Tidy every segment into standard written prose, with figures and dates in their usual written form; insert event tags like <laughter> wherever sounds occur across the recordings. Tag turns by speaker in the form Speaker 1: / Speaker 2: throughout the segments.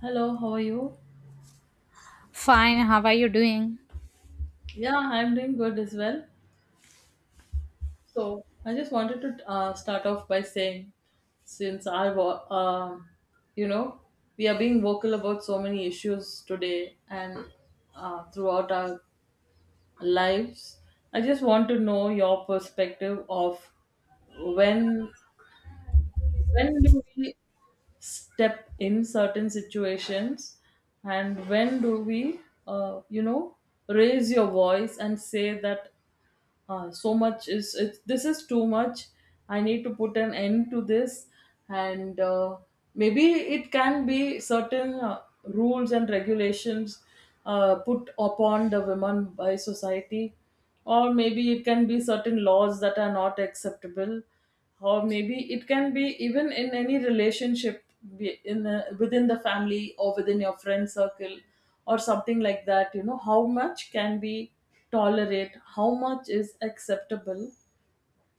Speaker 1: Hello, how are you?
Speaker 2: Fine, how are you doing?
Speaker 1: Yeah, I'm doing good as well. So, I just wanted to start off by saying, since you know, we are being vocal about so many issues today, and throughout our lives, I just want to know your perspective of when when do we step in certain situations, and when do we uh, you know raise your voice and say that so much is it, this is too much. I need to put an end to this. And maybe it can be certain rules and regulations put upon the women by society, or maybe it can be certain laws that are not acceptable, or maybe it can be even in any relationship, in a, within the family or within your friend circle, or something like that. You know, how much can be tolerate, how much is acceptable.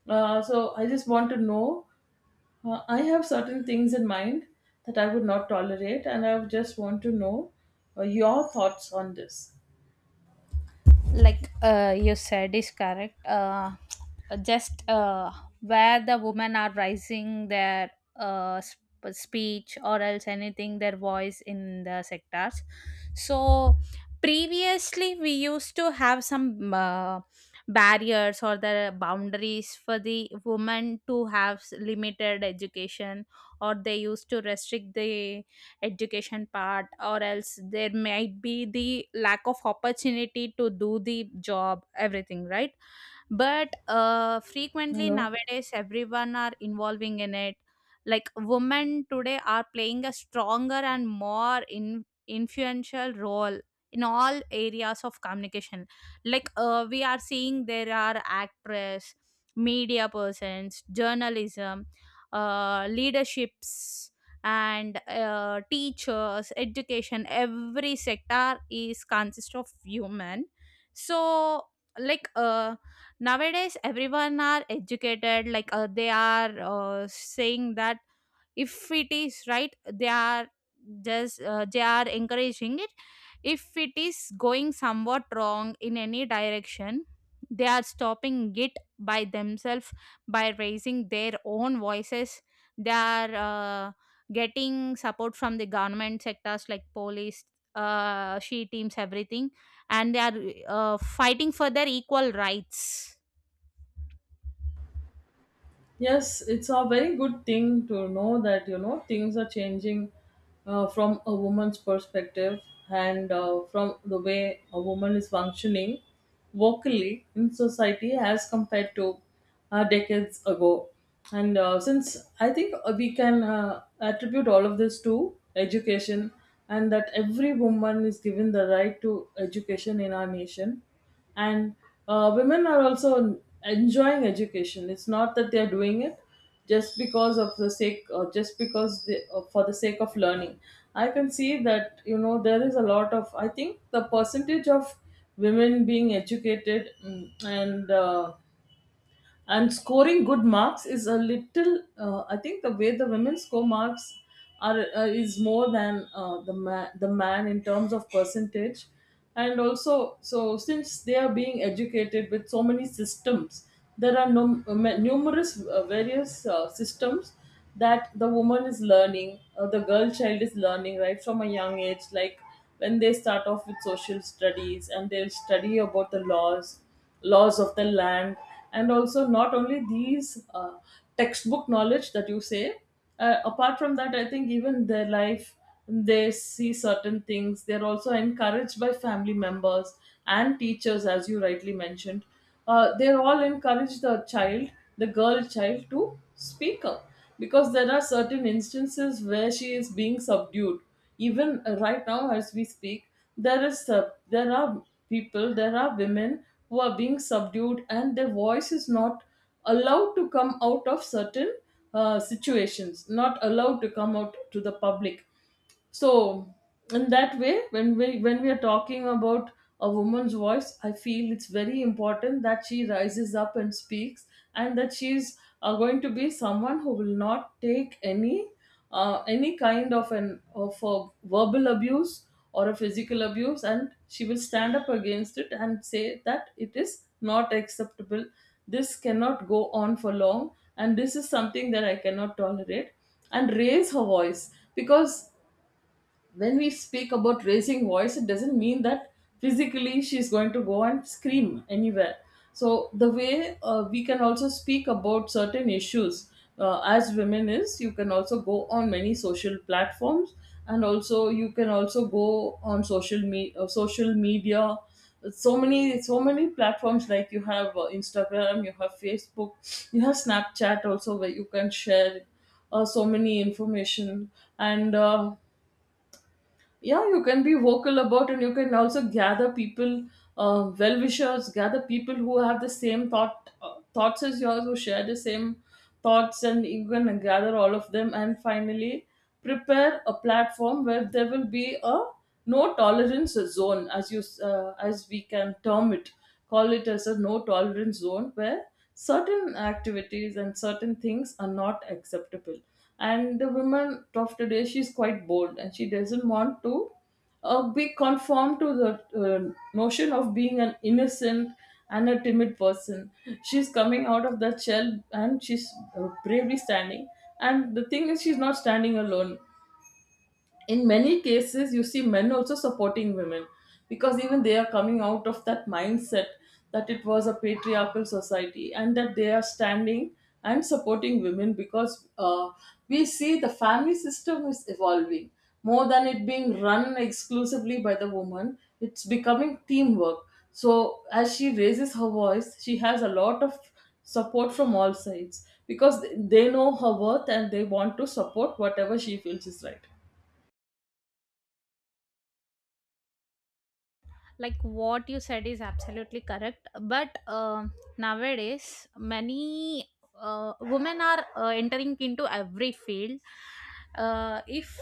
Speaker 1: So I just want to know, I have certain things in mind that I would not tolerate, and I would just want to know your thoughts on this.
Speaker 2: Like you said is correct. Just Where the women are rising their speech or else anything, their voice in the sectors. So previously we used to have some barriers or the boundaries for the women to have s- limited education, or they used to restrict the education part, or else there might be the lack of opportunity to do the job, everything right? But frequently
Speaker 1: Hello.
Speaker 2: nowadays everyone are involving in it, like women today are playing a stronger and more influential role in all areas of communication. Like we are seeing there are actress, media persons, journalism, leaderships, and teachers, education. Every sector is consist of women. So like uh, nowadays everyone are educated. Like they are saying that if it is right, they are just they are encouraging it. If it is going somewhat wrong in any direction, they are stopping it by themselves, by raising their own voices. They are getting support from the government sectors like police, she teams, everything. And they are fighting for their equal rights.
Speaker 1: Yes, it's a very good thing to know that, you know, things are changing, from a woman's perspective, and from the way a woman is functioning vocally in society as compared to decades ago. And since I think we can attribute all of this to education, and that every woman is given the right to education in our nation. And women are also enjoying education. It's not that they're doing it just because of the sake, or just because they, for the sake of learning. I can see that, you know, there is a lot of, I think, the percentage of women being educated, and and scoring good marks is a little, I think the way the women score marks are, is more than the man in terms of percentage. And also, so since they are being educated with so many systems, there are numerous, various, systems that the woman is learning, the girl child is learning, right from a young age, like when they start off with social studies and they'll study about the laws of the land. And also not only these, textbook knowledge that you say, apart from that, I think even their life, they see certain things. They're also encouraged by family members and teachers, as you rightly mentioned. They're all encouraged, the child, the girl child, to speak up, because there are certain instances where she is being subdued. Even right now as we speak, there is there are people, there are women who are being subdued, and their voice is not allowed to come out of certain situations, not allowed to come out to the public. So in that way, when we are talking about a woman's voice, I feel it's very important that she rises up and speaks, and that she's going to be someone who will not take any kind of an of a verbal abuse or a physical abuse, and she will stand up against it and say that it is not acceptable. This cannot go on for long, and this is something that I cannot tolerate, and raise her voice. Because when we speak about raising voice, it doesn't mean that physically she's going to go and scream anywhere. So the way, we can also speak about certain issues as women, is you can also go on many social platforms, and also you can also go on social media. So many, so many platforms, like you have Instagram, you have Facebook, you have Snapchat, also, where you can share so many information. And yeah, you can be vocal about, and you can also gather people, well-wishers, gather people who have the same thoughts as yours, who share the same thoughts. And you can gather all of them, and finally prepare a platform where there will be a no tolerance zone, as as we can term it, call it as a no tolerance zone where certain activities and certain things are not acceptable. And the woman of today, she's quite bold, and she doesn't want to be conformed to the notion of being an innocent and a timid person. She's coming out of that shell, and she's bravely standing. And the thing is, she's not standing alone. In many cases you see men also supporting women, because even they are coming out of that mindset that it was a patriarchal society, and that they are standing and supporting women. Because we see the family system is evolving. More than it being run exclusively by the woman, it's becoming teamwork. So as she raises her voice, she has a lot of support from all sides, because they know her worth, and they want to support whatever she feels is right.
Speaker 2: Like what you said is absolutely correct, but nowadays many women are entering into every field. If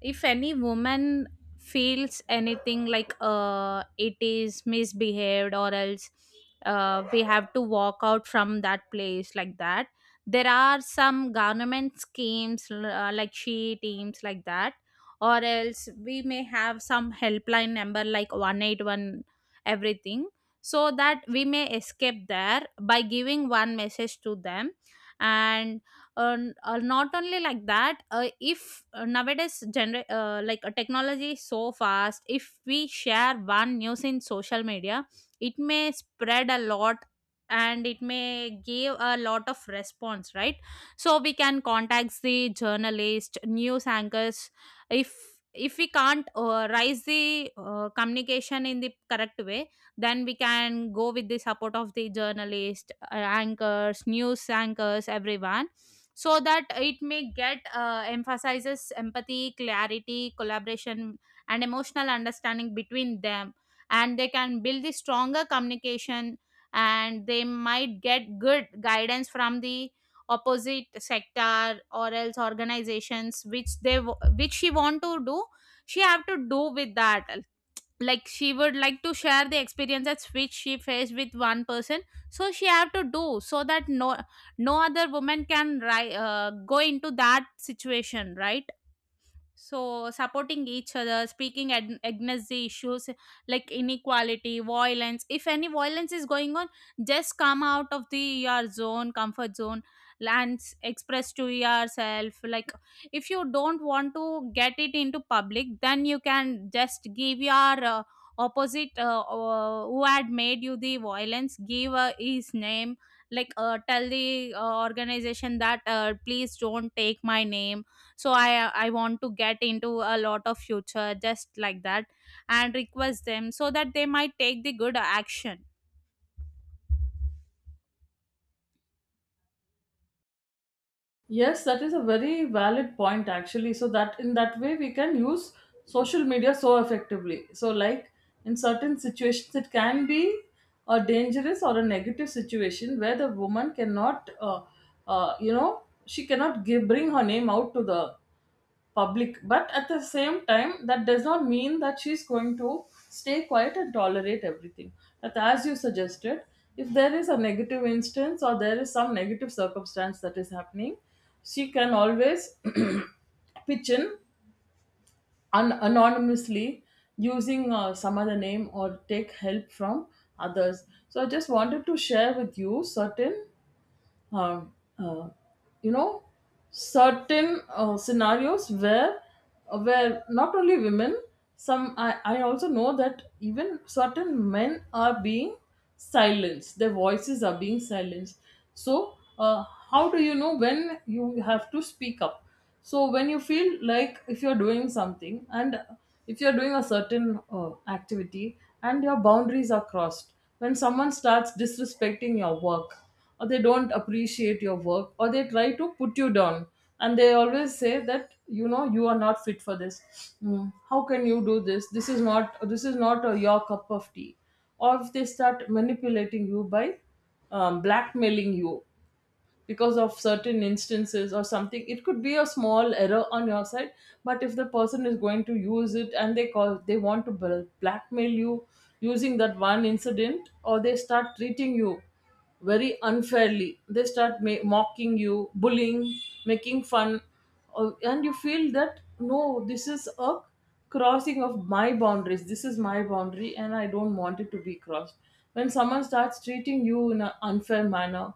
Speaker 2: if any woman feels anything like it is misbehaved, or else we have to walk out from that place, like that. There are some government schemes, like she teams, like that. Or else we may have some helpline number like 181, everything. So that we may escape there by giving one message to them. And not only like that. If Nowadays, like technology is so fast, if we share one news in social media, it may spread a lot and it may give a lot of response, right? So we can contact the journalist, news anchors. If we can't raise the communication in the correct way, then we can go with the support of the journalist, anchors, news anchors, everyone. So that it may get emphasizes, empathy, clarity, collaboration, and emotional understanding between them. And they can build the stronger communication, and they might get good guidance from the opposite sector, or else organizations which they which she want to do, she have to do with that. Like she would like to share the experiences which she faced with one person, so she have to do, so that no no other woman can go into that situation, right? So, supporting each other, speaking against the issues like inequality, violence. If any violence is going on, just come out of the your zone, comfort zone, and express to yourself. Like, if you don't want to get it into public, then you can just give your opposite who had made you the violence, give his name. Like, tell the organization that please don't take my name, so I want to get into a lot of future, just like that, and request them so that they might take the good action.
Speaker 1: Yes, that is a very valid point, actually. So that, in that way we can use social media so effectively. So like, in certain situations it can be a dangerous or a negative situation where the woman cannot, you know, she cannot give, bring her name out to the public. But at the same time, that does not mean that she's going to stay quiet and tolerate everything. But as you suggested, if there is a negative instance or there is some negative circumstance that is happening, she can always <clears throat> pitch in anonymously, using some other name, or take help from others. So I just wanted to share with you certain, uh, uh, you know, certain scenarios where not only women, some, I also know that even certain men are being silenced, their voices are being silenced. So how do you know when you have to speak up? So when you feel like, if you're doing something, and if you're doing a certain activity, and your boundaries are crossed, when someone starts disrespecting your work, or they don't appreciate your work, or they try to put you down, and they always say that, you know, you are not fit for this. Mm, how can you do this? This is not your cup of tea. Or if they start manipulating you by blackmailing you because of certain instances or something, it could be a small error on your side, but if the person is going to use it, and they call, they want to blackmail you using that one incident, or they start treating you very unfairly, they start mocking you, bullying, making fun. Or and you feel that, no, this is a crossing of my boundaries, this is my boundary and I don't want it to be crossed. When someone starts treating you in an unfair manner,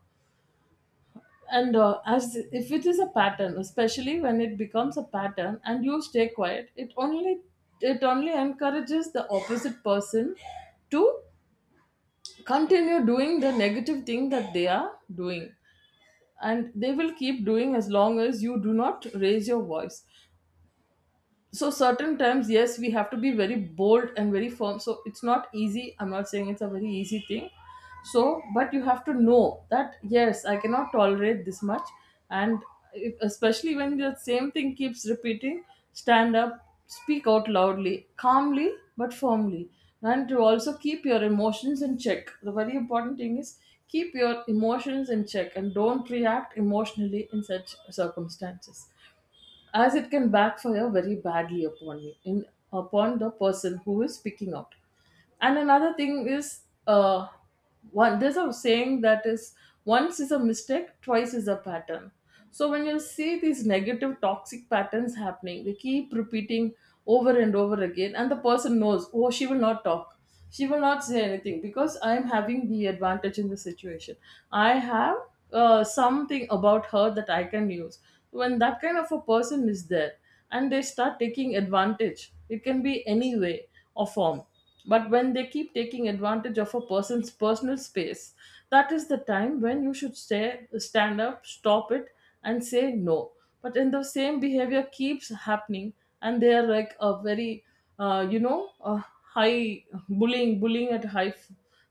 Speaker 1: and as if it is a pattern, especially when it becomes a pattern and you stay quiet, it only encourages the opposite person to continue doing the negative thing that they are doing. And they will keep doing as long as you do not raise your voice. So certain times, yes, we have to be very bold and very firm. So it's not easy, I'm not saying it's a very easy thing. So but you have to know that, yes, I cannot tolerate this much. And if, especially when the same thing keeps repeating, stand up, speak out loudly, calmly, but firmly. And to also keep your emotions in check. The very important thing is, keep your emotions in check and don't react emotionally in such circumstances, as it can backfire very badly upon you, in upon the person who is speaking out. And another thing is, uh one, there's a saying that is, once is a mistake, twice is a pattern. So when you see these negative toxic patterns happening, they keep repeating over and over again, and the person knows, oh, she will not talk, she will not say anything, because I am having the advantage in the situation. I have something about her that I can use. When that kind of a person is there, and they start taking advantage, it can be any way or form, but when they keep taking advantage of a person's personal space, that is the time when you should stay, stand up, stop it, and say no. But in the same behavior keeps happening, and they are like a very, uh, you know uh, high, bullying at high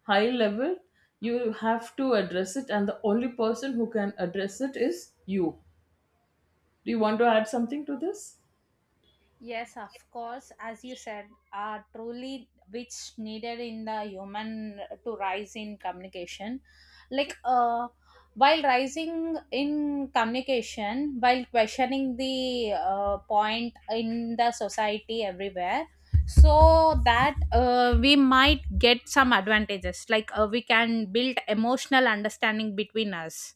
Speaker 1: high level. You have to address it, and the only person who can address it is you. Do you want to add something to this?
Speaker 2: Yes, of course. As you said, are truly which needed in the human to rise in communication. Like, while rising in communication, while questioning the point in the society everywhere, so that we might get some advantages. Like, we can build emotional understanding between us.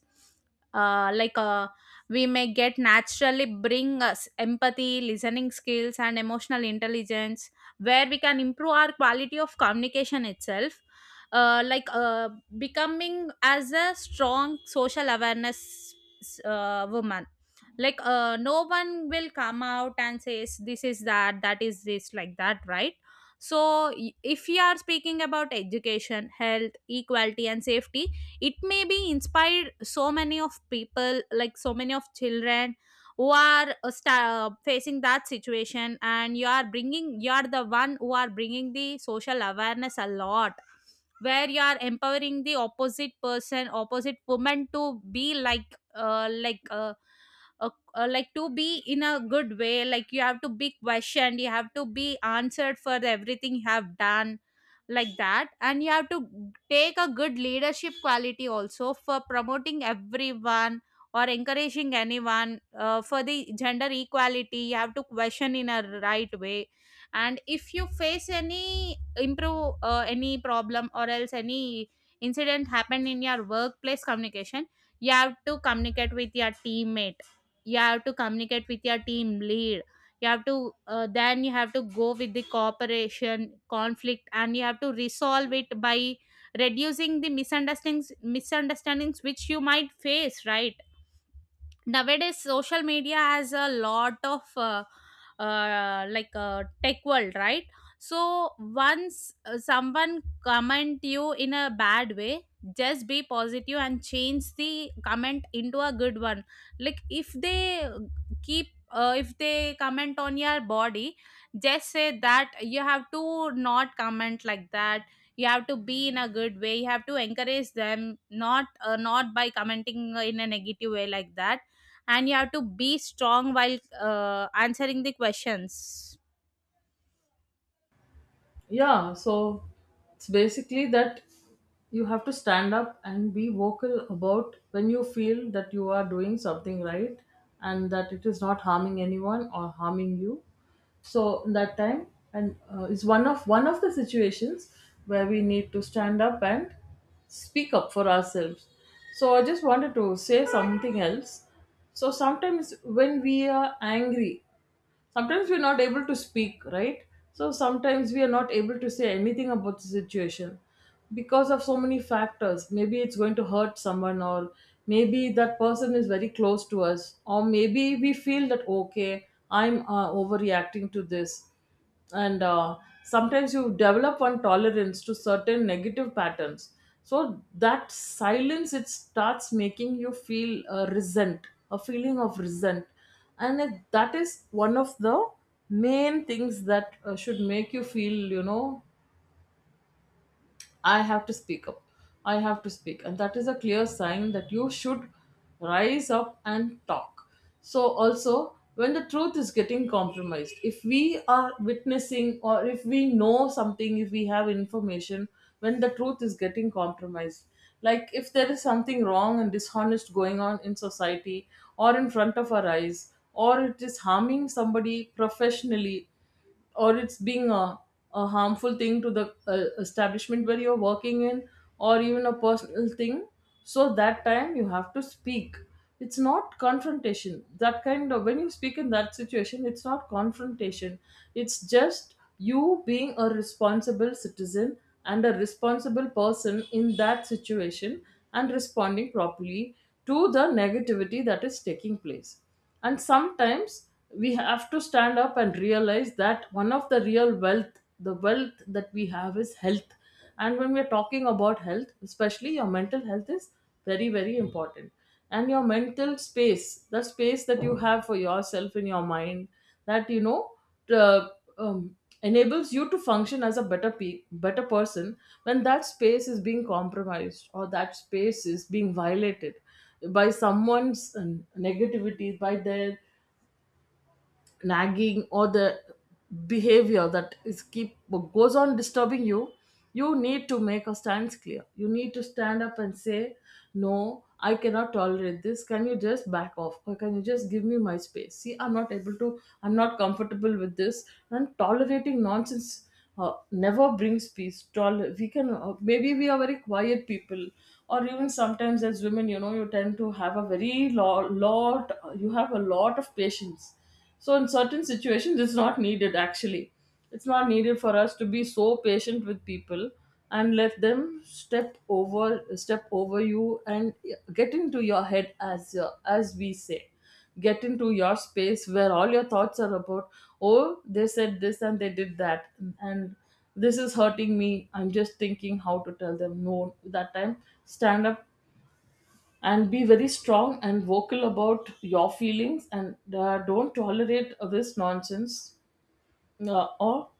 Speaker 2: Uh, like, uh, we may get naturally bring us empathy, listening skills, and emotional intelligence, where we can improve our quality of communication itself. Uh, like uh, Becoming as a strong social awareness woman. Like no one will come out and says this is that, that is this, like that, right? So if we are speaking about education, health, equality, and safety, it may be inspired so many of people, like so many of children who are facing that situation. And you are bringing, you are the one who are bringing the social awareness a lot, where you are empowering the opposite person, opposite woman, to be like to be in a good way. Like you have to be questioned, you have to be answered for everything you have done, like that. And you have to take a good leadership quality also for promoting everyone or encouraging anyone for the gender equality. You have to question in a right way. And if you face any improve any problem or else any incident happened in your workplace communication, you have to communicate with your teammate, you have to communicate with your team lead, you have to then you have to go with the cooperation, conflict, and you have to resolve it by reducing the misunderstandings which you might face, right? Nowadays social media has a lot of tech world, right? So once someone comment you in a bad way, just be positive and change the comment into a good one. Like if they keep if they comment on your body, just say that you have to not comment like that. You have to be in a good way, you have to encourage them, not by commenting in a negative way, like that. And you have to be strong while answering the questions.
Speaker 1: Yeah, so it's basically that you have to stand up and be vocal about, when you feel that you are doing something right, and that it is not harming anyone or harming you. So in that time, and is one of the situations where we need to stand up and speak up for ourselves. So I just wanted to say something else. So sometimes when we are angry, sometimes we're not able to speak right, so sometimes we are not able to say anything about the situation because of so many factors. Maybe it's going to hurt someone, or maybe that person is very close to us, or maybe we feel that okay, I'm overreacting to this. And sometimes you develop one tolerance to certain negative patterns, so that silence, it starts making you feel resent, a feeling of resent. That is one of the main things that should make you feel, you know, I have to speak up. I have to speak. And that is a clear sign that you should rise up and talk. So, also, when the truth is getting compromised, if we are witnessing or if we know something, if we have information, when the truth is getting compromised, like if there is something wrong and dishonest going on in society or in front of our eyes, or it is harming somebody professionally, or it's being a harmful thing to the establishment where you're working in, or even a personal thing. So that time you have to speak. It's not confrontation. That kind of, when you speak in that situation, it's not confrontation, it's just you being a responsible citizen and a responsible person in that situation and responding properly to the negativity that is taking place. And sometimes we have to stand up and realize that one of the real wealth, the wealth that we have, is health. And when we're talking about health, especially your mental health is very, very important. And your mental space, the space that you have for yourself in your mind, that uh, um, enables you to function as a better person. When that space is being compromised or that space is being violated by someone's negativity, by their nagging or the behavior that is keep goes on disturbing you, you need to make a stance clear. You need to stand up and say, no, I cannot tolerate this. Can you just back off, or can you just give me my space? See, I'm not able to, I'm not comfortable with this. And tolerating nonsense never brings peace. We can, maybe we are very quiet people, or even sometimes as women, you know, you tend to have a very lot, you have a lot of patience. So in certain situations, it's not needed actually. It's not needed for us to be so patient with people and let them step over you and get into your head, as we say, get into your space where all your thoughts are about, oh, they said this and they did that, and this is hurting me, I'm just thinking how to tell them. No, that time, stand up and be very strong and vocal about your feelings, and don't tolerate this nonsense or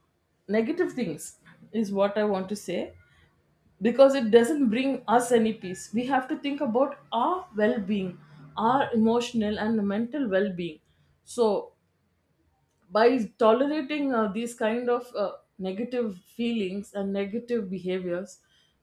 Speaker 1: negative things, is what I want to say. Because it doesn't bring us any peace. We have to think about our well-being, our emotional and mental well-being. So by tolerating these kind of negative feelings and negative behaviors,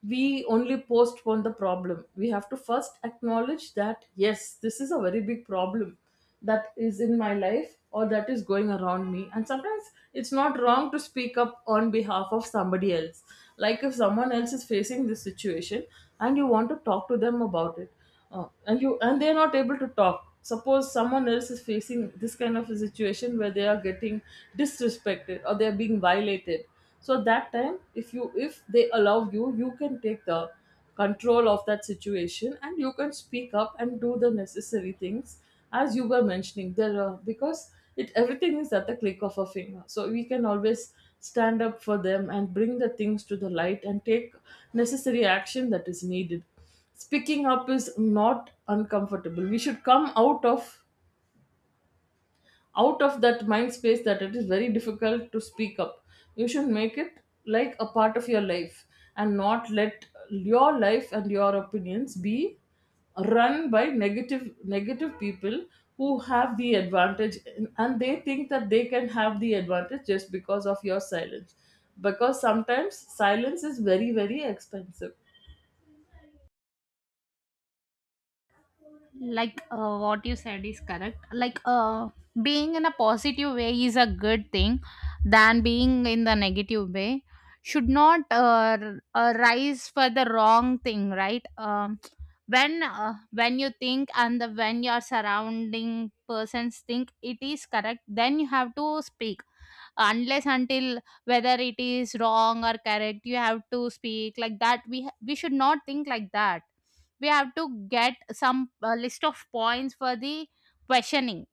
Speaker 1: we only postpone the problem. We have to first acknowledge that yes, this is a very big problem that is in my life or that is going around me. And sometimes it's not wrong to speak up on behalf of somebody else. Like if someone else is facing this situation and you want to talk to them about it, and you, and they're not able to talk. Suppose someone else is facing this kind of a situation where they are getting disrespected or they're being violated. So that time, if you, if they allow you, you can take the control of that situation and you can speak up and do the necessary things, as you were mentioning. There are, because it, everything is at the click of a finger, so we can always stand up for them and bring the things to the light and take necessary action that is needed. Speaking up is not uncomfortable. We should come out of, out of that mind space that it is very difficult to speak up. You should make it like a part of your life and not let your life and your opinions be run by negative people who have the advantage, and they think that they can have the advantage just because of your silence. Because sometimes silence is very, very expensive.
Speaker 2: Like what you said is correct. Like being in a positive way is a good thing than being in the negative way. Should not rise for the wrong thing, right? When you think, and the, when your surrounding persons think it is correct, then you have to speak. Unless until whether it is wrong or correct you have to speak, like that we we should not think like that. We have to get some list of points for the questioning,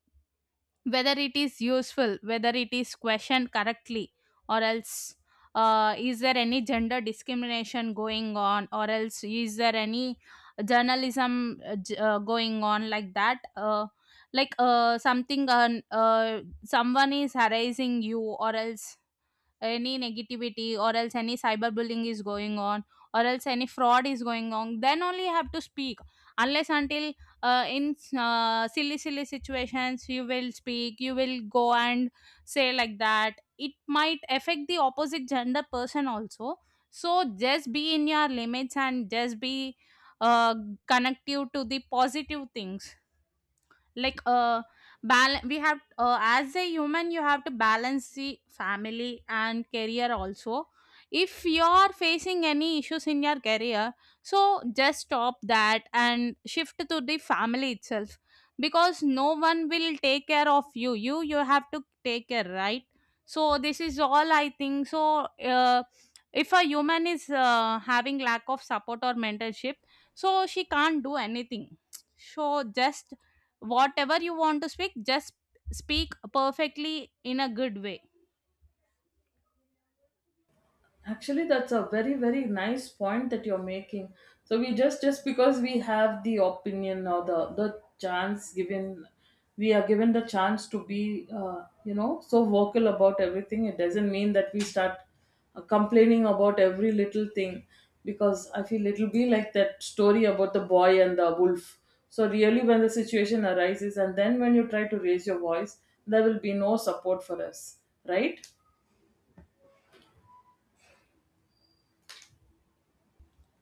Speaker 2: whether it is useful, whether it is questioned correctly, or else is there any gender discrimination going on, or else is there any journalism going on, like that. Something on someone is harassing you, or else any negativity, or else any cyberbullying is going on, or else any fraud is going on, then only you have to speak. Unless until in silly situations you will speak, you will go and say like that, it might affect the opposite gender person also. So just be in your limits and just be uh, connective to the positive things. like uh we have as a human you have to balance the family and career also. If you're facing any issues in your career, so just stop that and shift to the family itself, because no one will take care of you, you you have to take care, right? So this is all I think. So if a human is having lack of support or mentorship, so she can't do anything. So just whatever you want to speak, just speak perfectly in a good way.
Speaker 1: Actually, that's a very, very nice point that you're making. So we just because we have the opinion or the chance given, we are given the chance to be, you know, so vocal about everything. It doesn't mean that we start complaining about every little thing, because I feel it'll be like that story about the boy and the wolf. So really, when the situation arises, and then when you try to raise your voice, there will be no support for us, right?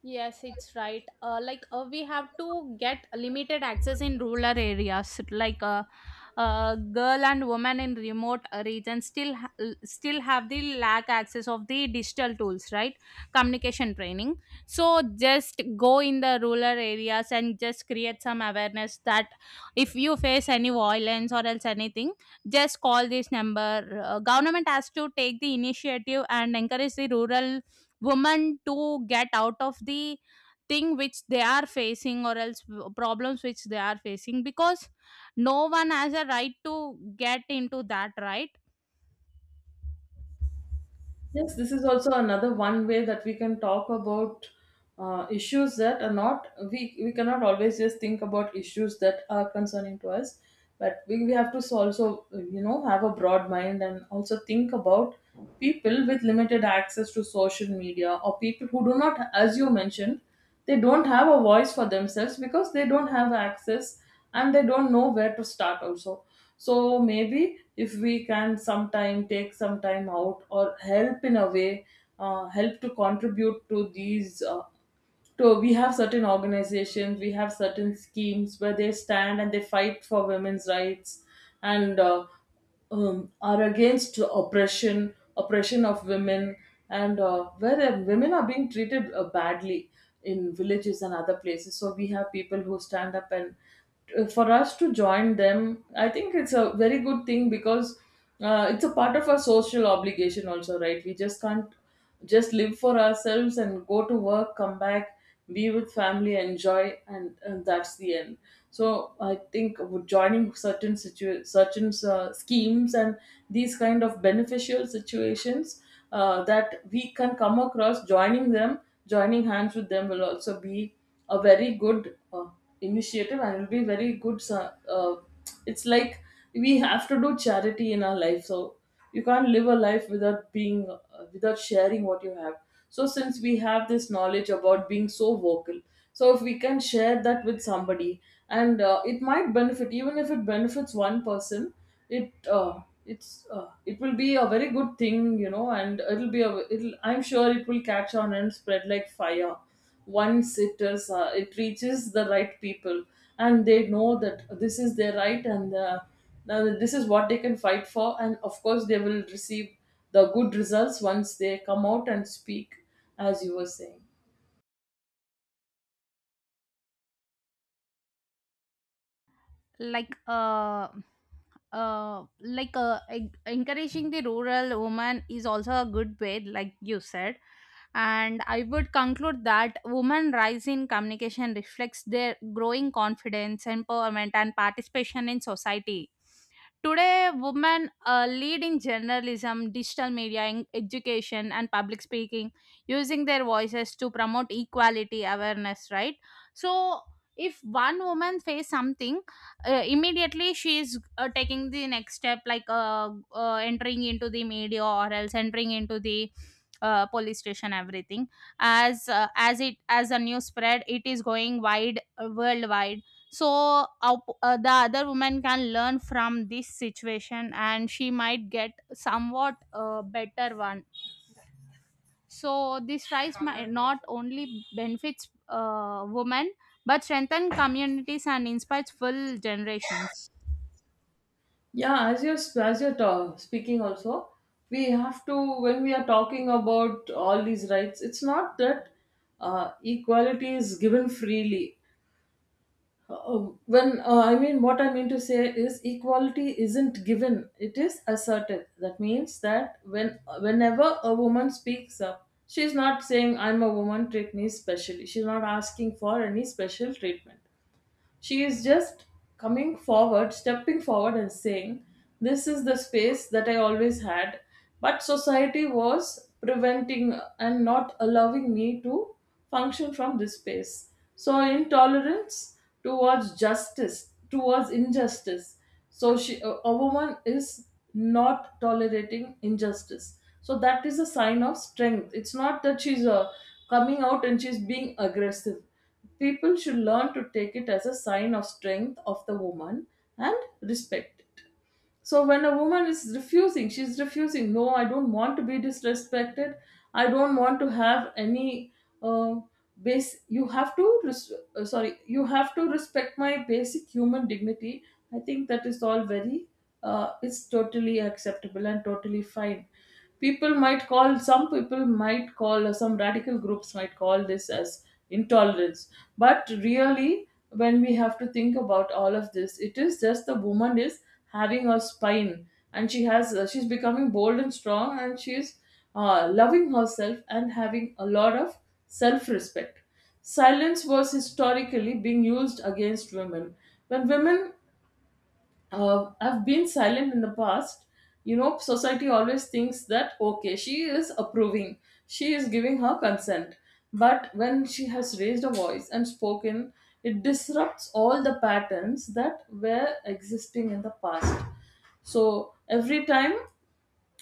Speaker 2: Yes, it's right. We have to get limited access in rural areas. Like a girl and woman in remote regions still still have the lack access of the digital tools, right? Communication training. So just go in the rural areas and just create some awareness that if you face any violence or else anything, just call this number. Government has to take the initiative and encourage the rural women to get out of the thing which they are facing, or else problems which they are facing, because no one has a right to get into that, right?
Speaker 1: Yes, this is also another one way that we can talk about issues that are not, we, we cannot always just think about issues that are concerning to us, but we have to also, you know, have a broad mind and also think about people with limited access to social media, or people who do not, as you mentioned, they don't have a voice for themselves because they don't have access, and they don't know where to start also. So maybe if we can sometime take some time out or help in a way, help to contribute to these so we have certain organizations, we have certain schemes where they stand and they fight for women's rights, and are against oppression of women, and where the women are being treated badly in villages and other places. So we have people who stand up, and for us to join them, I think it's a very good thing, because it's a part of our social obligation also, right? We just can't just live for ourselves and go to work, come back, be with family, enjoy, and that's the end. So I think with joining certain schemes and these kind of beneficial situations that we can come across, joining them, joining hands with them will also be a very good initiative and will be very good. So it's like we have to do charity in our life, so you can't live a life without being without sharing what you have. So, since we have this knowledge about being so vocal, so if we can share that with somebody, and it might benefit, even if it benefits one person, it uh, it will be a very good thing, you know, and it'll be a it'll I'm sure it will catch on and spread like fire once it is it reaches the right people, and they know that this is their right, and now this is what they can fight for, and of course they will receive the good results once they come out and speak, as you were saying.
Speaker 2: like uh Encouraging the rural woman is also a good way, like you said. And I would conclude that women rise in communication reflects their growing confidence, empowerment, and participation in society. Today women lead in journalism, digital media, in education, and public speaking, using their voices to promote equality, awareness, right? So if one woman face something, immediately she is taking the next step, like entering into the media, or else entering into the police station, everything. As as it as a news spread, it is going wide, worldwide. So the other woman can learn from this situation, and she might get somewhat better one. So this rise might not only benefits women, but strengthen communities and inspires full generations.
Speaker 1: Yeah, as you're speaking also, we have to, when we are talking about all these rights, it's not that equality is given freely. When I mean, what I mean to say is equality isn't given; it is asserted. That means that when, whenever a woman speaks up, she's not saying, "I'm a woman, treat me specially." She's not asking for any special treatment. She is just coming forward, stepping forward, and saying, this is the space that I always had, but society was preventing and not allowing me to function from this space. So, intolerance towards justice, towards injustice. So, a woman is not tolerating injustice. So, that is a sign of strength. It's not that she's a coming out and she's being aggressive. People should learn to take it as a sign of strength of the woman and respect it. So when a woman is refusing, she's refusing. No, I don't want to be disrespected. I don't want to have any uh, base. You have to sorry. You have to respect my basic human dignity. I think that is all very. It's totally acceptable and totally fine. People might call, some people might call, some radical groups might call this as intolerance, but really, when we have to think about all of this, it is just the woman is having a spine, and she has she's becoming bold and strong, and she's loving herself and having a lot of self-respect. Silence was historically being used against women. When women I've been silent in the past. You know, society always thinks that okay, she is approving, she is giving her consent. But when she has raised a voice and spoken, it disrupts all the patterns that were existing in the past. So every time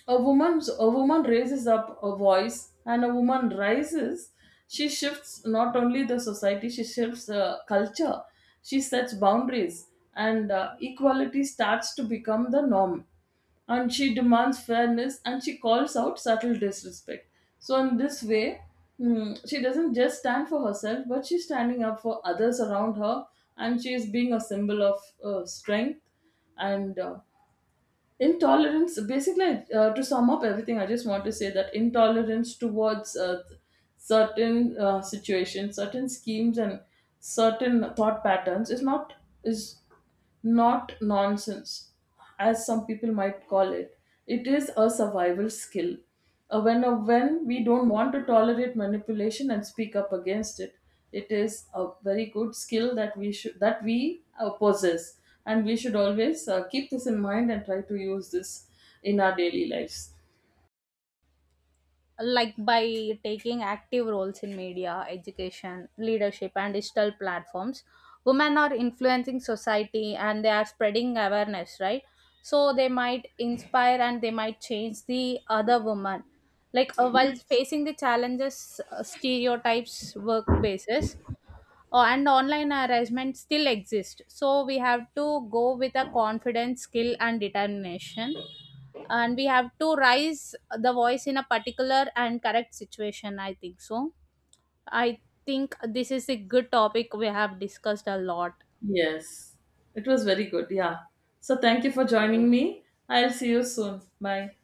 Speaker 1: a woman raises up a voice, and a woman rises. She shifts not only the society, she shifts the culture. She sets boundaries, and equality starts to become the norm. And she demands fairness, and she calls out subtle disrespect. So in this way, she doesn't just stand for herself, but she's standing up for others around her, and she is being a symbol of strength and intolerance. Basically, to sum up everything, I just want to say that intolerance towards certain situations, certain schemes, and certain thought patterns is is not nonsense, as some people might call it. It is a survival skill. When we don't want to tolerate manipulation and speak up against it, it is a very good skill that we possess, and we should always keep this in mind and try to use this in our daily lives.
Speaker 2: Like by taking active roles in media, education, leadership, and digital platforms, women are influencing society and they are spreading awareness, right? So they might inspire and they might change the other woman. Like while facing the challenges, stereotypes, work basis, and online harassment still exist. So we have to go with a confidence, skill, and determination, and we have to raise the voice in a particular and correct situation, I think so. I think this is a good topic, we have discussed a lot.
Speaker 1: Yes, it was very good. Yeah. So thank you for joining me. I'll see you soon. Bye.